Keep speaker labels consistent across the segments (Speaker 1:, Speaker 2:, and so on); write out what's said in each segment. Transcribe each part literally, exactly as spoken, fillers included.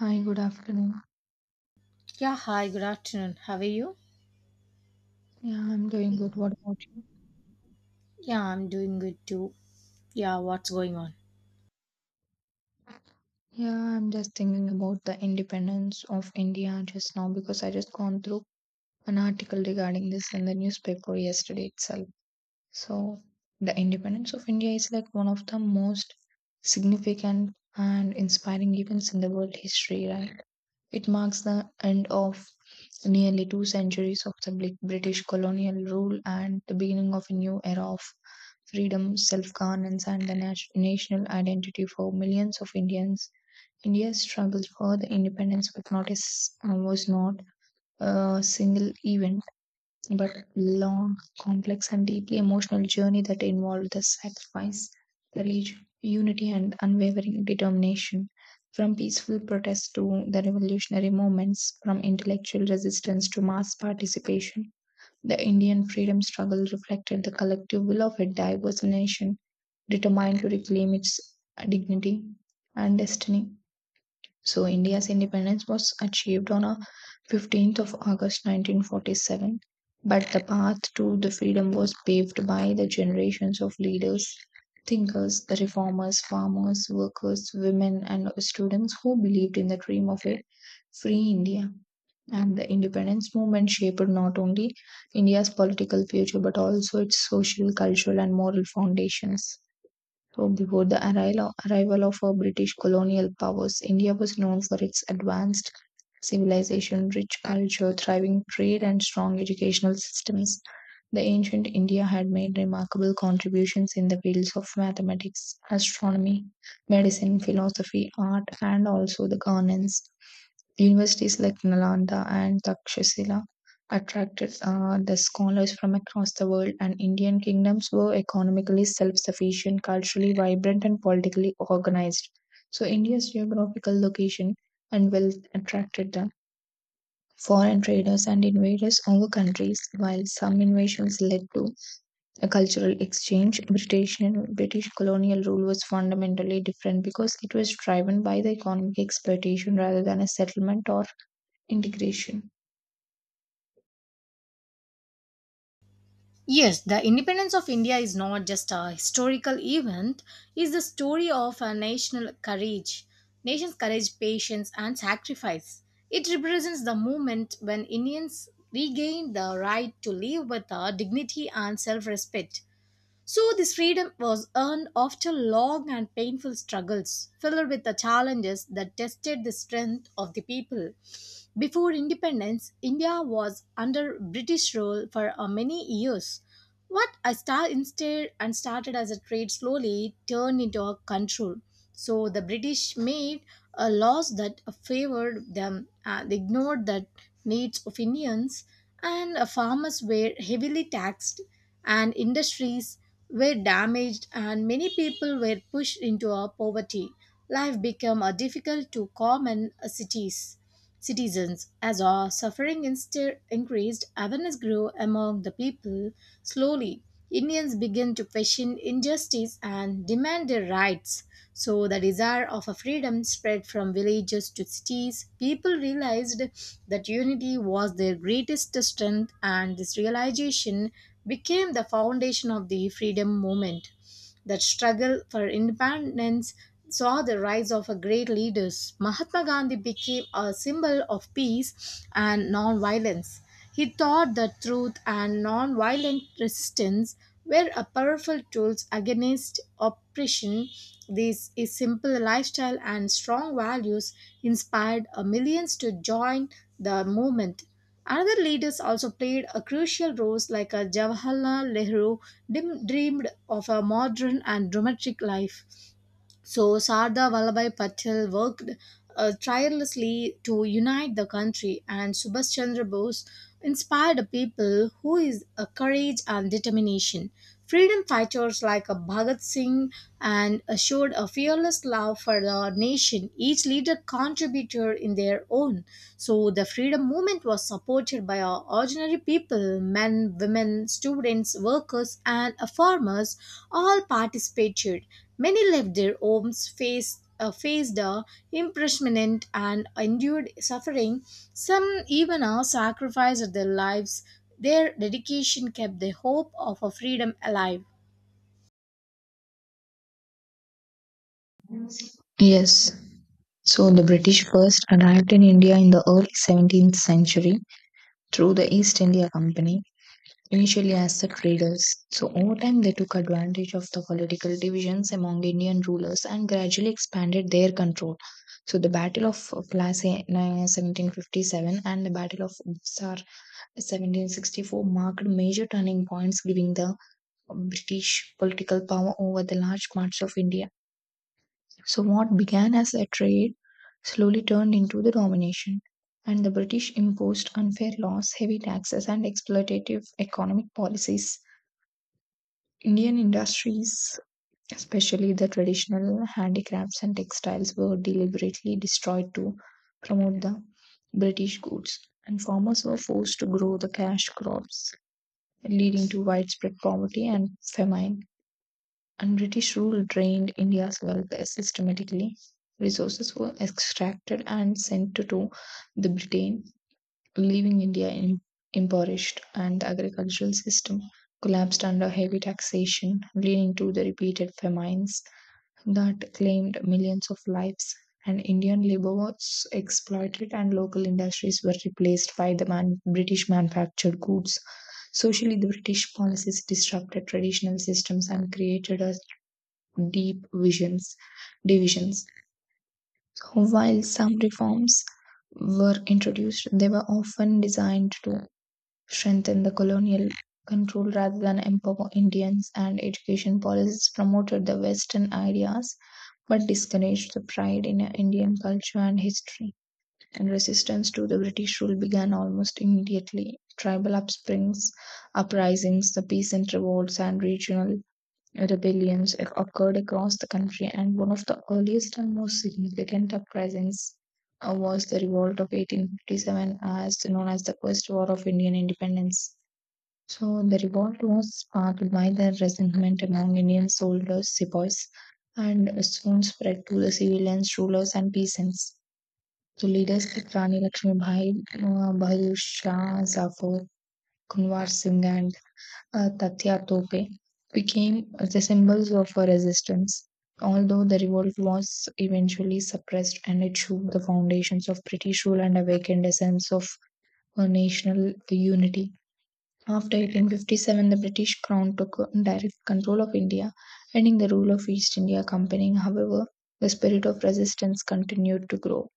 Speaker 1: Hi, good afternoon.
Speaker 2: Yeah, hi, good afternoon. How are you?
Speaker 1: Yeah, I'm doing good. What about you?
Speaker 2: Yeah, I'm doing good too. Yeah, what's going on?
Speaker 1: Yeah, I'm just thinking about the independence of India just now because I just gone through an article regarding this in the newspaper yesterday itself. So, the independence of India is like one of the most significant and inspiring events in the world history, right? It marks the end of nearly two centuries of the Bri- British colonial rule and the beginning of a new era of freedom, self governance, and the nat- national identity for millions of Indians. India's struggle for the independence was not a, s- uh, was not a single event but long, complex, and deeply emotional journey that involved the sacrifice, courage, unity, and unwavering determination. From peaceful protests to the revolutionary movements, from intellectual resistance to mass participation, the Indian freedom struggle reflected the collective will of a diverse nation determined to reclaim its dignity and destiny. So India's independence was achieved on a fifteenth of August nineteen forty-seven, but the path to the freedom was paved by the generations of leaders, thinkers, reformers, farmers, workers, women and students who believed in the dream of a free India. And the independence movement shaped not only India's political future but also its social, cultural, and moral foundations. So before the arrival arrival of uh, British colonial powers, India was known for its advanced civilization, rich culture, thriving trade, and strong educational systems. The ancient India had made remarkable contributions in the fields of mathematics, astronomy, medicine, philosophy, art, and also the governance. Universities like Nalanda and Takshashila attracted uh, the scholars from across the world, and Indian kingdoms were economically self sufficient, culturally vibrant, and politically organized. So, India's geographical location and wealth attracted the foreign traders and invaders over countries, while some invasions led to a cultural exchange. British and British colonial rule was fundamentally different because it was driven by the economic exploitation rather than a settlement or integration.
Speaker 2: Yes, the independence of India is not just a historical event, it's the story of a national courage, nation's courage, patience, and sacrifice. It represents the moment when Indians regained the right to live with uh, dignity and self respect. So, this freedom was earned after long and painful struggles, filled with the challenges that tested the strength of the people. Before independence, India was under British rule for uh, many years, what I star instead and started as a trade slowly turned into a control. So the British made a laws that favored them, uh, they ignored the needs of Indians, and uh, farmers were heavily taxed, and industries were damaged, and many people were pushed into a poverty. Life became uh, difficult to common uh, cities citizens. As our suffering insta- increased, awareness grew among the people. Slowly, Indians began to question injustice and demand their rights. So, the desire of a freedom spread from villages to cities. People realized that unity was their greatest strength, and this realization became the foundation of the freedom movement that struggle for independence saw the rise of a great leaders. Mahatma Gandhi became a symbol of peace and non-violence. He taught that truth and non-violent resistance were a powerful tools against oppression. This is simple lifestyle and strong values inspired a millions to join the movement. Another leaders also played a crucial role, like a Jawaharlal Nehru dim- dreamed of a modern and dramatic life. So Sardar Vallabhai Patel worked uh, tirelessly to unite the country, and Subhash Chandra Bose inspired a people who is a courage and determination. Freedom fighters like a Bhagat Singh and uh, showed a fearless love for the nation. Each leader contributed in their own. So the freedom movement was supported by our ordinary people, men, women, students, workers, and uh, farmers. All participated Many left their homes, faced, uh, faced uh, imprisonment, and endured suffering. Some even uh, sacrificed their lives. Their dedication kept the hope of a freedom alive.
Speaker 1: Yes. So the British first arrived in India in the early seventeenth century through the East India Company, initially as the traders. So over time they took advantage of the political divisions among Indian rulers and gradually expanded their control. So the Battle of Plassey in seventeen fifty-seven and the Battle of Buxar seventeen sixty-four marked major turning points giving the British political power over the large parts of India. So, what began as a trade slowly turned into the domination, and the British imposed unfair laws, heavy taxes, and exploitative economic policies. Indian industries, especially the traditional handicrafts and textiles, were deliberately destroyed to promote the British goods, and farmers were forced to grow the cash crops, leading to widespread poverty and famine, and British rule drained India's wealth systematically. Resources were extracted and sent to, to the Britain, leaving India in, impoverished, and the agricultural system collapsed under heavy taxation, leading to the repeated famines that claimed millions of lives. And Indian labor was exploited, and local industries were replaced by the man- British manufactured goods. Socially, the British policies disrupted traditional systems and created a deep visions divisions. While some reforms were introduced, they were often designed to strengthen the colonial control rather than empower Indians, and education policies promoted the Western ideas but discouraged the pride in Indian culture and history. And resistance to the British rule began almost immediately. Tribal upsprings, uprisings, the peasant revolts, and regional rebellions occurred across the country, and one of the earliest and most significant uprisings uh, was the revolt of eighteen fifty-seven, as known as the First War of Indian Independence. So, the revolt was sparked by the resentment among Indian soldiers, sepoys, and soon spread to the civilians, rulers, and peasants. So, leaders like Rani Lakshmi uh, Bahadur Shah, Zafar, Kunwar Singh, and uh, Tatya Tope became the symbols of a resistance, although the revolt was eventually suppressed and it shook the foundations of British rule and awakened a sense of uh, national unity. After eighteen fifty-seven, the British crown took direct control of India, ending the rule of East India Company. However, the spirit of resistance continued to grow.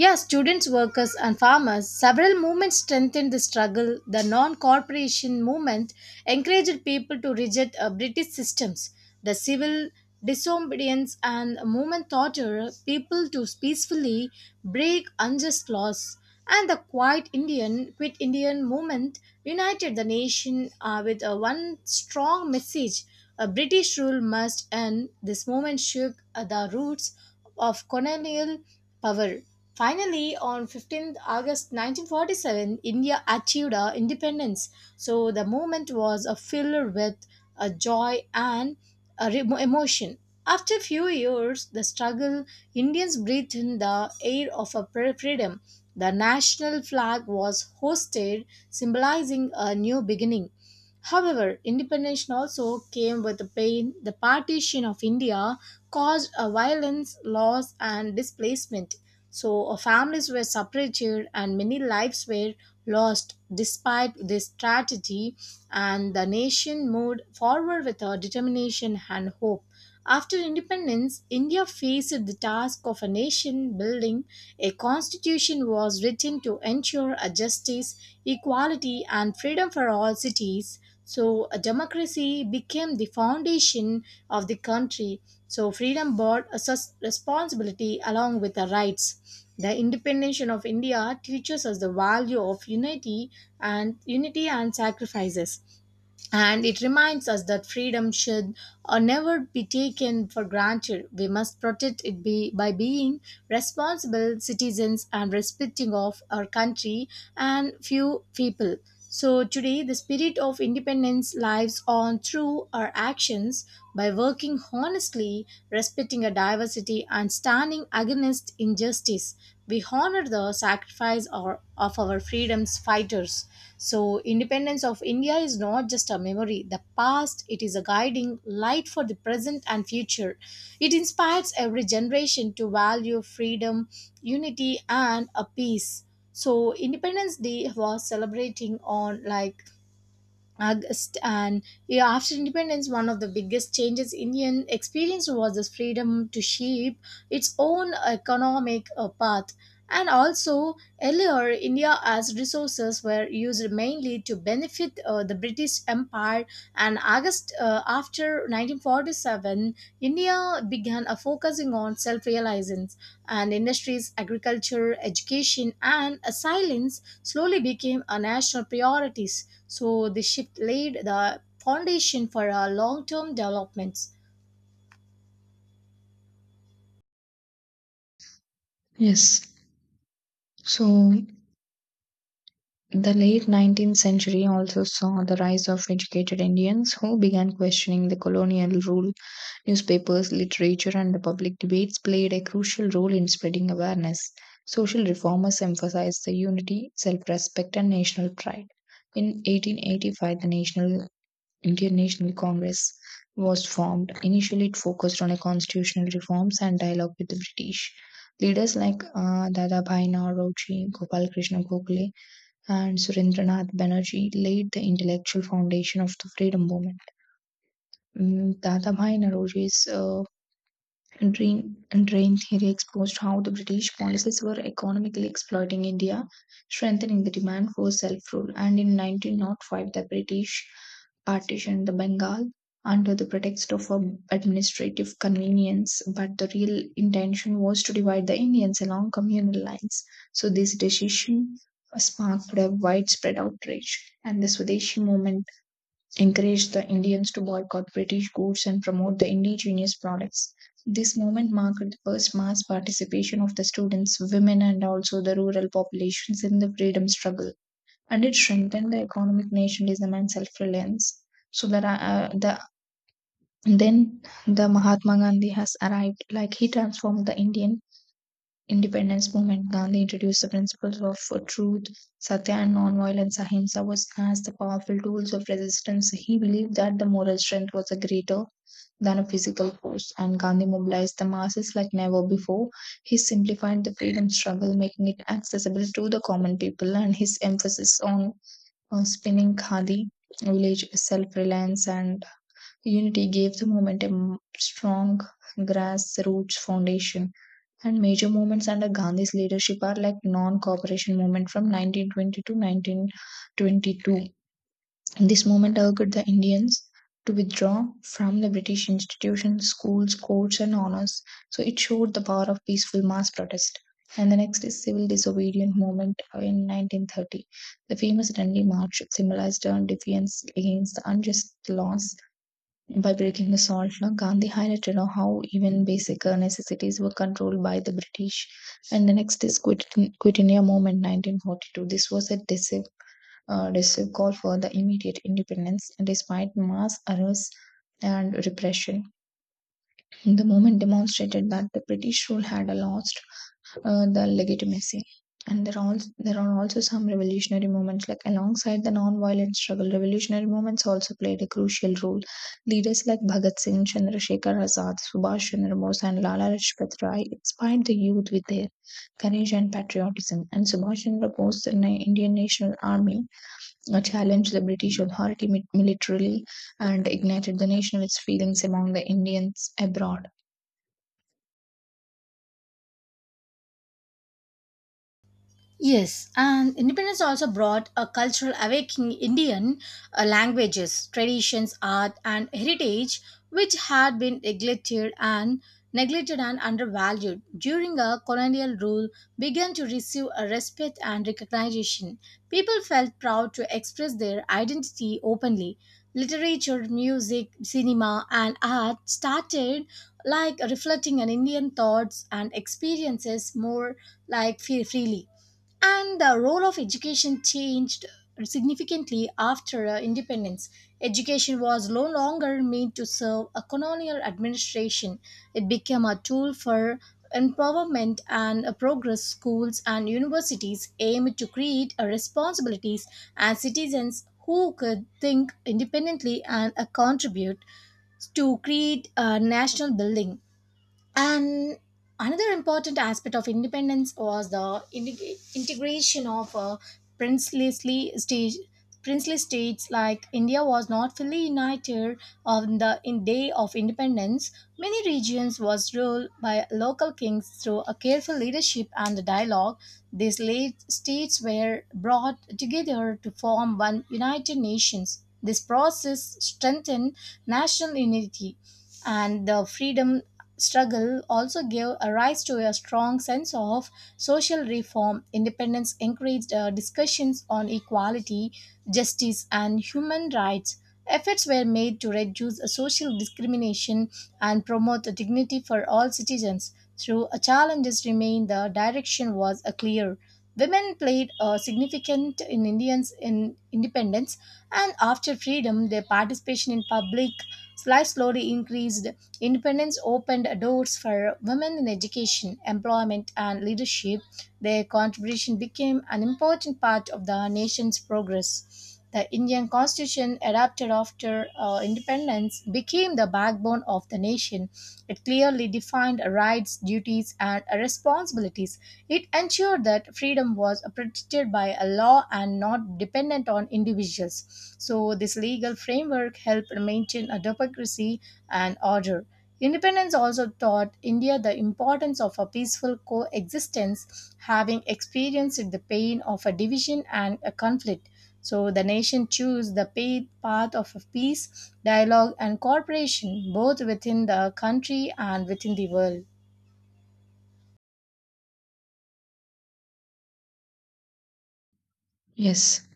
Speaker 2: Yeah, students, workers, and farmers, several movements strengthened the struggle. The non cooperation movement encouraged people to reject uh, British systems. The civil disobedience and movement taught uh, people to peacefully break unjust laws. And the Quiet Indian, Quit Indian movement united the nation uh, with uh, one strong message. A British rule must end. This movement shook uh, the roots of colonial power. Finally, on fifteenth of August nineteen forty-seven, India achieved her independence. So the moment was uh, filled with uh, joy and uh, re- emotion. After a few years, the struggle, Indians breathed in the air of a pre- freedom. The national flag was hoisted, symbolizing a new beginning. However, independence also came with the pain. The partition of India caused a violence, loss, and displacement. So, uh, families were separated and many lives were lost despite this strategy, and the nation moved forward with a determination and hope. After independence, India faced the task of a nation building. A constitution was written to ensure a justice, equality, and freedom for all cities so a democracy became the foundation of the country so freedom brought a sus- responsibility along with the rights the independence of india teaches us the value of unity and unity and sacrifices and it reminds us that freedom should or never be taken for granted. We must protect it be, by being responsible citizens and respecting of our country and few people. So today the spirit of independence lives on through our actions by working honestly, respecting a diversity and standing against injustice. We honor the sacrifice or- of our freedom's fighters so independence of india is not just a memory the past it is a guiding light for the present and future it inspires every generation to value freedom unity and a peace so independence day was celebrating on like August and yeah, after independence, one of the biggest changes Indian experienced was this freedom to shape its own economic uh, path. And also, earlier, India's resources were used mainly to benefit uh, the British Empire, and August August, uh, after nineteen forty-seven, India began a focusing on self-reliance, and industries, agriculture, education, and uh, silence slowly became a national priorities. So, this shift laid the foundation for our long-term developments.
Speaker 1: Yes. So the late nineteenth century also saw the rise of educated Indians who began questioning the colonial rule. Newspapers, literature, and the public debates played a crucial role in spreading awareness. Social reformers emphasized the unity, self respect, and national pride. In eighteen eighty-five, the National Indian National Congress was formed. Initially, it focused on a constitutional reforms and dialogue with the British. Leaders like uh, Dadabhai Nauroji, Gopal Krishna Gokhale, and Surendranath Banerjee laid the intellectual foundation of the freedom movement. Mm, Dadabhai Naroji's uh, Drain, drain theory exposed how the British policies were economically exploiting India, strengthening the demand for self rule. And in nineteen oh five, the British partitioned the Bengal under the pretext of um, administrative convenience, but the real intention was to divide the Indians along communal lines. So, this decision sparked a widespread outrage, and the Swadeshi movement encouraged the Indians to boycott British goods and promote the indigenous products. This movement marked the first mass participation of the students, women, and also the rural populations in the freedom struggle. And it strengthened the economic nationalism and self reliance. So that uh, the then the Mahatma Gandhi has arrived, like he transformed the Indian independence movement. Gandhi introduced the principles of uh, truth, satya, and non-violence. Ahimsa was as the powerful tools of resistance. He believed that the moral strength was greater than a physical force, and Gandhi mobilized the masses like never before. He simplified the freedom struggle, making it accessible to the common people, and his emphasis on uh, spinning khadi, village self-reliance, and unity gave the movement a strong grassroots foundation. And major movements under Gandhi's leadership are like non-cooperation movement from nineteen twenty to nineteen twenty-two. This movement urged the Indians to withdraw from the British institutions, schools, courts, and honors. So it showed the power of peaceful mass protest. And the next is civil disobedience movement in nineteen thirty. The famous Dandi March symbolized a defiance against the unjust laws. By breaking the salt law, Gandhi highlighted how even basic uh, necessities were controlled by the British. And the next is Quit, Quit India Movement nineteen forty-two. This was a decisive, uh, decisive call for the immediate independence despite mass arrests and repression. The movement demonstrated that the British rule had lost uh, the legitimacy. And there are also there are also some revolutionary movements. Like alongside the non-violent struggle, revolutionary movements also played a crucial role. Leaders like Bhagat Singh, Chandrasekhar Azad, Subhash Chandra Bose, and Lala Lajpat Rai inspired the youth with their courage and patriotism. And Subhash Chandra Bose, the Na- Indian National Army, uh, challenged the British authority mi- militarily and ignited the nationalist feelings among the Indians abroad.
Speaker 2: Yes, and independence also brought a cultural awakening in Indian uh, languages, traditions, art, and heritage, which had been neglected and neglected and undervalued during a colonial rule, began to receive a respect and recognition. People felt proud to express their identity openly. Literature, music, cinema, and art started like reflecting an Indian thoughts and experiences more like free- freely and the role of education changed significantly after uh, independence. Education was no longer meant to serve a colonial administration, it became a tool for empowerment and uh, progress. Schools and universities aimed to create uh, responsibilities and citizens who could think independently and uh, contribute to create a national building and another important aspect of independence was the integ- integration of uh, princely stage. Princely states like India was not fully united on the in day of independence. Many regions was ruled by local kings through a careful leadership and dialogue. These late states were brought together to form one united nations. This process strengthened national unity and the freedom struggle also gave a rise to a strong sense of social reform. Independence encouraged uh, discussions on equality, justice, and human rights. Efforts were made to reduce social discrimination and promote dignity for all citizens. Through challenges remained, the direction was uh, clear. Women played a significant in Indians in independence, and after freedom, their participation in public life slowly increased. Independence opened doors for women in education, employment, and leadership. Their contribution became an important part of the nation's progress. The Indian constitution, adopted after uh, independence, became the backbone of the nation. It clearly defined rights, duties, and responsibilities it ensured that freedom was protected by a law and not dependent on individuals. So, this legal framework helped maintain a democracy and order. Independence also taught India the importance of a peaceful coexistence, having experienced the pain of a division and a conflict. So the nation chose the pa- path of peace, dialogue, and cooperation, both within the country and within the world.
Speaker 1: Yes.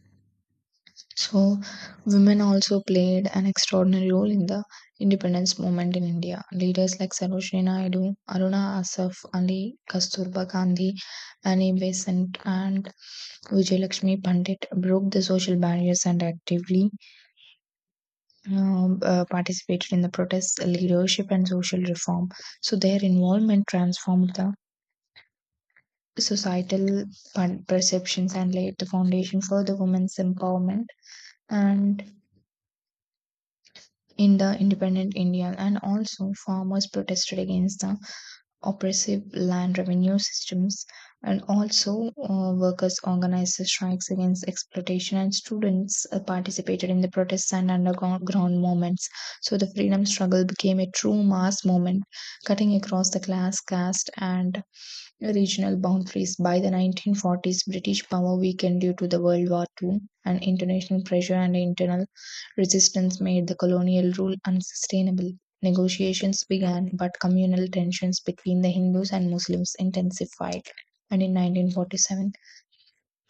Speaker 1: So, women also played an extraordinary role in the independence movement in India. Leaders like Sarojini Naidu, Aruna Asaf Ali, Kasturba Gandhi, Annie Besant, and Vijayalakshmi Pandit broke the social barriers and actively um, uh, participated in the protests, leadership, and social reform. So, their involvement transformed the societal per- perceptions and laid the foundation for the women's empowerment and in the independent India, and also farmers protested against the oppressive land revenue systems, and also uh, workers organized strikes against exploitation, and students uh, participated in the protests and underground movements. So the freedom struggle became a true mass movement, cutting across the class, caste, and regional boundaries. By the nineteen forties, British power weakened due to the World War two, and international pressure and internal resistance made the colonial rule unsustainable. Negotiations began, but communal tensions between the Hindus and Muslims intensified. And in nineteen forty-seven,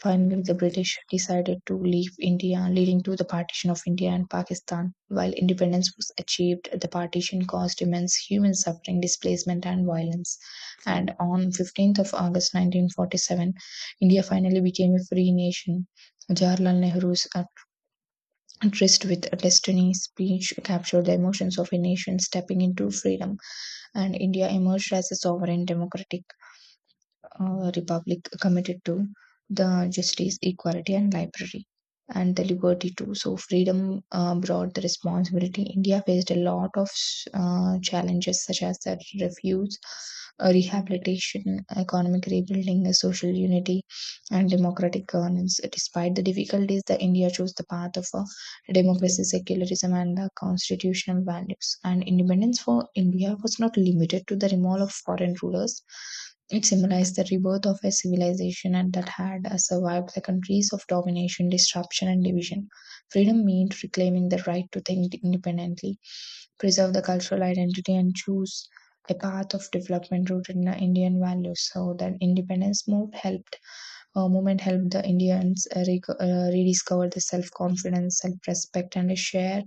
Speaker 1: finally, the British decided to leave India, leading to the partition of India and Pakistan. While independence was achieved, the partition caused immense human suffering, displacement, and violence. And on fifteenth of August nineteen forty-seven, India finally became a free nation. Jawaharlal Nehru's tryst with destiny speech captured the emotions of a nation stepping into freedom, and India emerged as a sovereign democratic uh, republic committed to the justice, equality, and library and the liberty too. So freedom uh, brought the responsibility. India faced a lot of uh, challenges such as the refuse, uh, rehabilitation, economic rebuilding, uh, social unity, and democratic governance. Despite the difficulties, the India chose the path of a democracy, secularism, and the constitutional values. And independence for India was not limited to the removal of foreign rulers. It symbolized the rebirth of a civilization and that had uh, survived the countries of domination, disruption, and division. Freedom meant reclaiming the right to think independently, preserve the cultural identity, and choose a path of development rooted in the Indian values. So that independence moved helped uh, movement helped the Indians uh, rec- uh, rediscover the self-confidence, self-respect, and a shared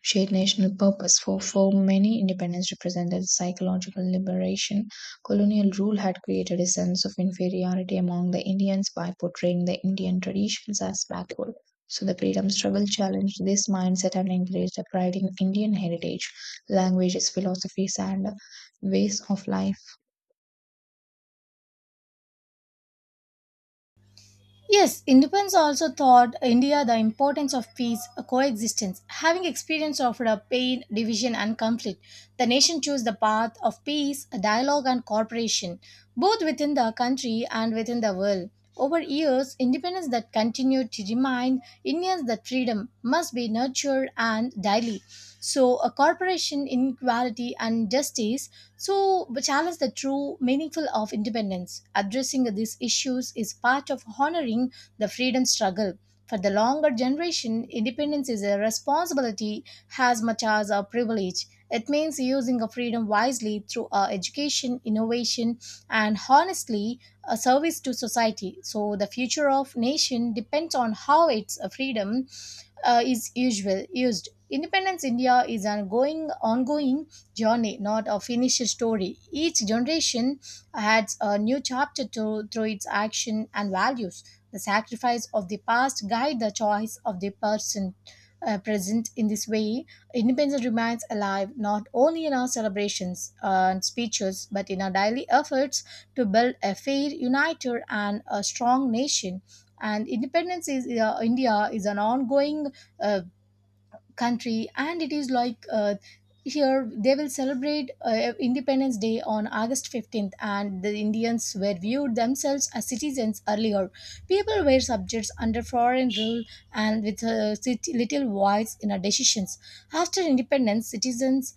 Speaker 1: shared national purpose. For for many, independence represented psychological liberation. Colonial rule had created a sense of inferiority among the Indians by portraying the Indian traditions as backward. So the freedom struggle challenged this mindset and encouraged a pride in Indian heritage, languages, philosophies, and ways of life.
Speaker 2: Yes, independence also taught India the importance of peace, coexistence. Having experience of the pain, division, and conflict, the nation chose the path of peace, dialogue, and cooperation, both within the country and within the world. Over years, independence that continued to remind Indians that freedom must be nurtured and daily. So, a corporation, inequality, and justice so, the challenge the true meaningful of independence. Addressing these issues is part of honoring the freedom struggle. For the longer generation, independence is a responsibility as much as a privilege. It means using a freedom wisely through our education, innovation, and honestly, a service to society. So the future of nation depends on how its uh, freedom uh, is usual used. Independence India is an ongoing, ongoing journey, not a finished story. Each generation adds a new chapter to, through its action and values. The sacrifice of the past guide the choice of the person uh, present. In this way, independence remains alive not only in our celebrations and speeches, but in our daily efforts to build a fair, united, and a strong nation. And independence is uh, India is an ongoing uh, country and it is like uh, here they will celebrate uh, independence day on august fifteenth and the indians were viewed themselves as citizens earlier people were subjects under foreign rule and with uh, sit- little voice in our decisions after independence citizens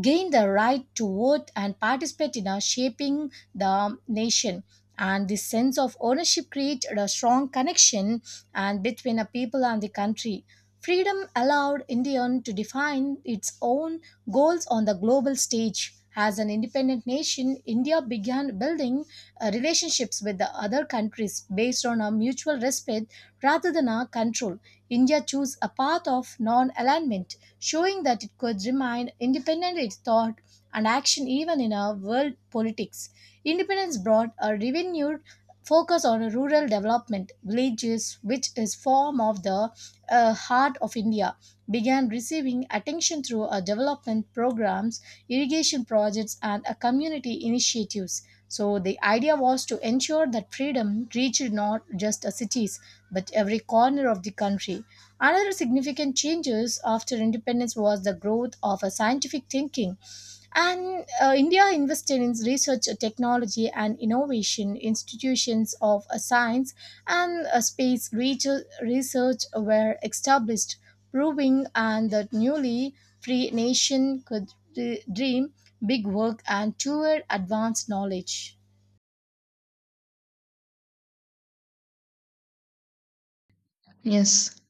Speaker 2: gained the right to vote and participate in our shaping the nation and this sense of ownership created a strong connection and between a people and the country Freedom allowed India to define its own goals on the global stage. As an independent nation, India began building uh, relationships with the other countries based on a mutual respect rather than a control. India chose a path of non alignment, showing that it could remain independent in thought and action even in our world politics. Independence brought a renewed focus on rural development, villages, which is form of the uh, heart of India began receiving attention through uh, development programs irrigation projects, and uh, community initiatives. So the idea was to ensure that freedom reached not just the cities but every corner of the country. Another significant changes after independence was the growth of a scientific thinking. And uh, India invested in research, uh, technology, and innovation institutions of uh, science and uh, space reach- research were established proving and the newly free nation could d- dream big work and tour advanced knowledge.
Speaker 1: Yes.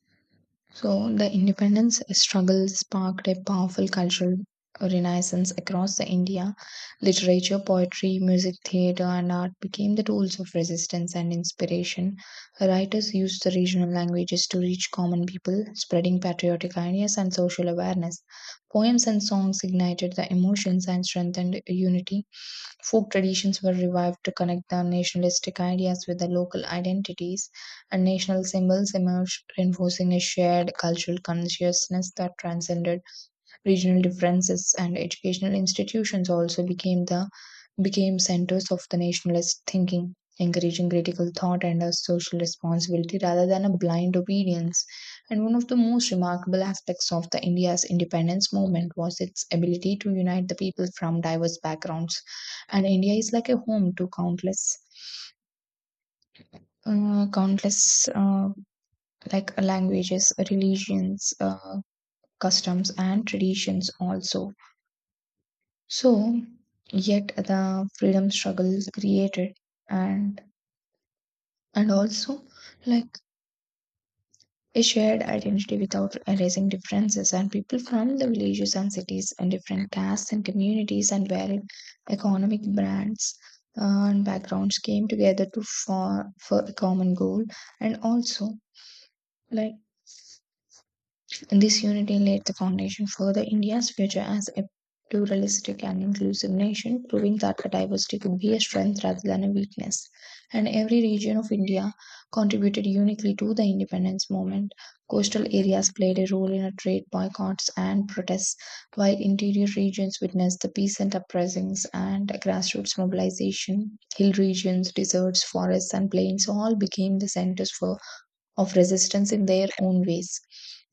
Speaker 1: So, the independence struggle sparked a powerful cultural renaissance across the India. Literature, poetry, music, theatre, and art became the tools of resistance and inspiration. Writers used the regional languages to reach common people, spreading patriotic ideas and social awareness. Poems and songs ignited the emotions and strengthened unity. Folk traditions were revived to connect the nationalistic ideas with the local identities and national symbols emerged, reinforcing a shared cultural consciousness that transcended regional differences. And educational institutions also became the became centers of the nationalist thinking, encouraging critical thought and a social responsibility rather than a blind obedience. And one of the most remarkable aspects of the India's independence movement was its ability to unite the people from diverse backgrounds. And India is like a home to countless, uh, countless uh, like languages, religions, uh, customs, and traditions also. So, yet the freedom struggles created and and also like a shared identity without erasing differences and people from the villages and cities and different castes and communities and varied economic brands uh, and backgrounds came together to for for a common goal and also like this unity laid the foundation for the India's future as a pluralistic and inclusive nation, proving that the diversity could be a strength rather than a weakness. And every region of India contributed uniquely to the independence movement. Coastal areas played a role in a trade boycotts and protests, while interior regions witnessed the peasant uprisings and grassroots mobilization. Hill regions, deserts, forests, and plains all became the centers for of resistance in their own ways.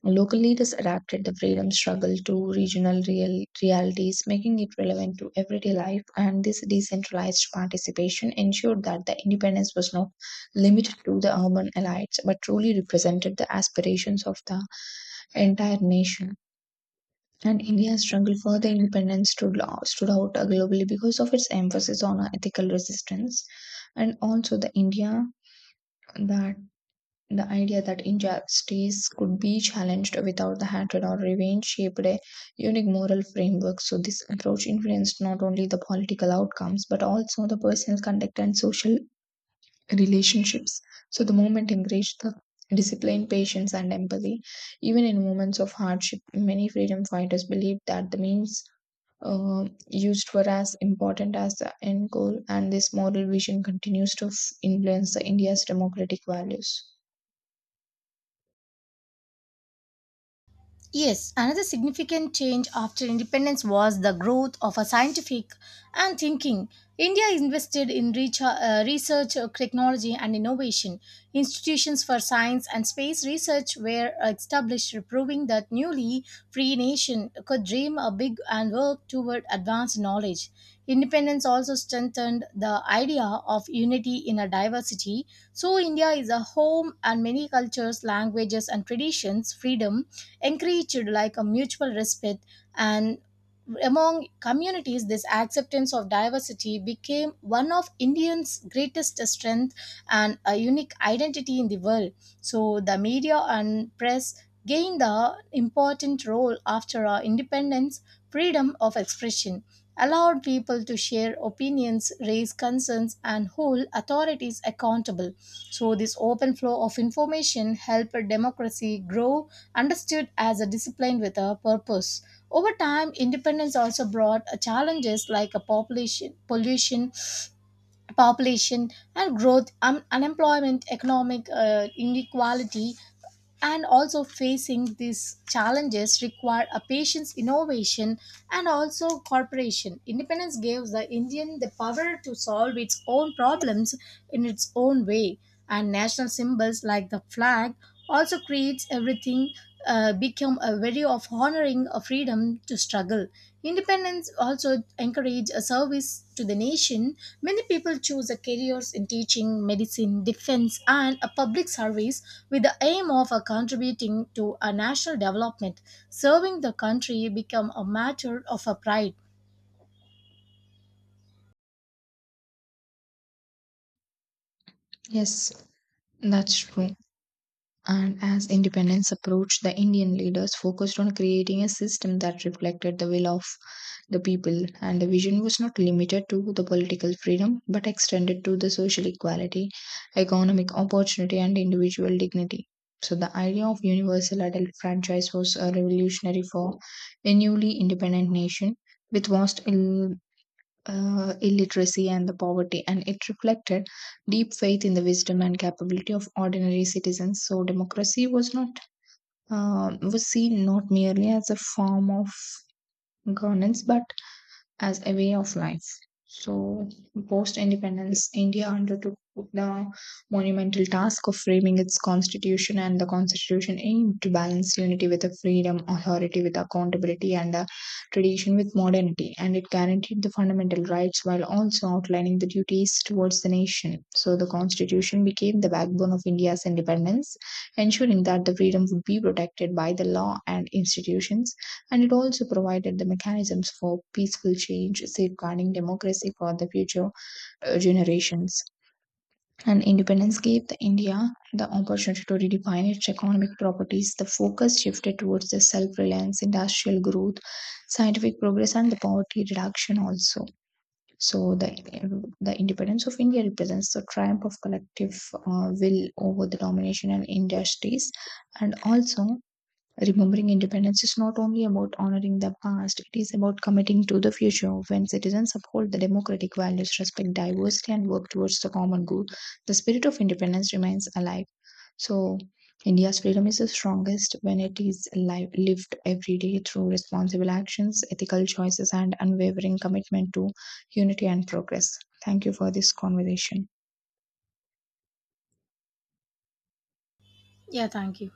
Speaker 1: Local leaders adapted the freedom struggle to regional real realities, making it relevant to everyday life, and this decentralized participation ensured that the independence was not limited to the urban elites but truly represented the aspirations of the entire nation. And India's struggle for the independence stood, stood out globally because of its emphasis on ethical resistance and also the India that the idea that injustice could be challenged without the hatred or revenge shaped a unique moral framework. So, this approach influenced not only the political outcomes but also the personal conduct and social relationships. So, the movement encouraged the discipline, patience, and empathy. Even in moments of hardship, many freedom fighters believed that the means uh, used were as important as the end goal, and this moral vision continues to f- influence the India's democratic values.
Speaker 2: Yes, another significant change after independence was the growth of a scientific and thinking. India invested in reach- uh, research, uh, technology, and innovation. Institutions for science and space research were established, proving that newly free nation could dream a big and work toward advanced knowledge. Independence also strengthened the idea of unity in a diversity. So, India is a home and many cultures, languages, and traditions. Freedom encouraged like a mutual respect and among communities this acceptance of diversity became one of indians greatest strength and a unique identity in the world so the media and press gained the important role after our independence freedom of expression allowed people to share opinions raise concerns and hold authorities accountable so this open flow of information helped democracy grow understood as a discipline with a purpose. Over time, independence also brought uh, challenges like a population, pollution, population and growth, un- unemployment, economic uh, inequality, and also facing these challenges required a patience, innovation, and also cooperation. Independence gives the Indian the power to solve its own problems in its own way and national symbols like the flag also creates everything uh, become a value of honoring a freedom to struggle independence also encourage a service to the nation many people choose a careers in teaching medicine defense and a public service with the aim of uh, contributing to a national development serving the country become a matter of a pride
Speaker 1: Yes. That's true. And as independence approached, the Indian leaders focused on creating a system that reflected the will of the people, and the vision was not limited to the political freedom but extended to the social equality, economic opportunity, and individual dignity. So, the idea of universal adult franchise was a revolutionary for a newly independent nation with vast il- uh, illiteracy and the poverty, and it reflected deep faith in the wisdom and capability of ordinary citizens. So democracy was not uh, was seen not merely as a form of governance, but as a way of life. So, post independence, India undertook the monumental task of framing its constitution, and the constitution aimed to balance unity with a freedom, authority with accountability, and a tradition with modernity. And it guaranteed the fundamental rights while also outlining the duties towards the nation. So, the constitution became the backbone of India's independence, ensuring that the freedom would be protected by the law and institutions, and it also provided the mechanisms for peaceful change, safeguarding democracy for the future uh, generations. And independence gave the India the opportunity to redefine its economic properties. The focus shifted towards the self-reliance, industrial growth, scientific progress, and the poverty reduction also. So the the independence of India represents the triumph of collective uh, will over the domination and industries, and also, remembering independence is not only about honoring the past, it is about committing to the future. When citizens uphold the democratic values, respect diversity, and work towards the common good, the spirit of independence remains alive. So, India's freedom is the strongest when it is alive, lived every day through responsible actions, ethical choices, and unwavering commitment to unity and progress. Thank you for this conversation.
Speaker 2: yeah thank you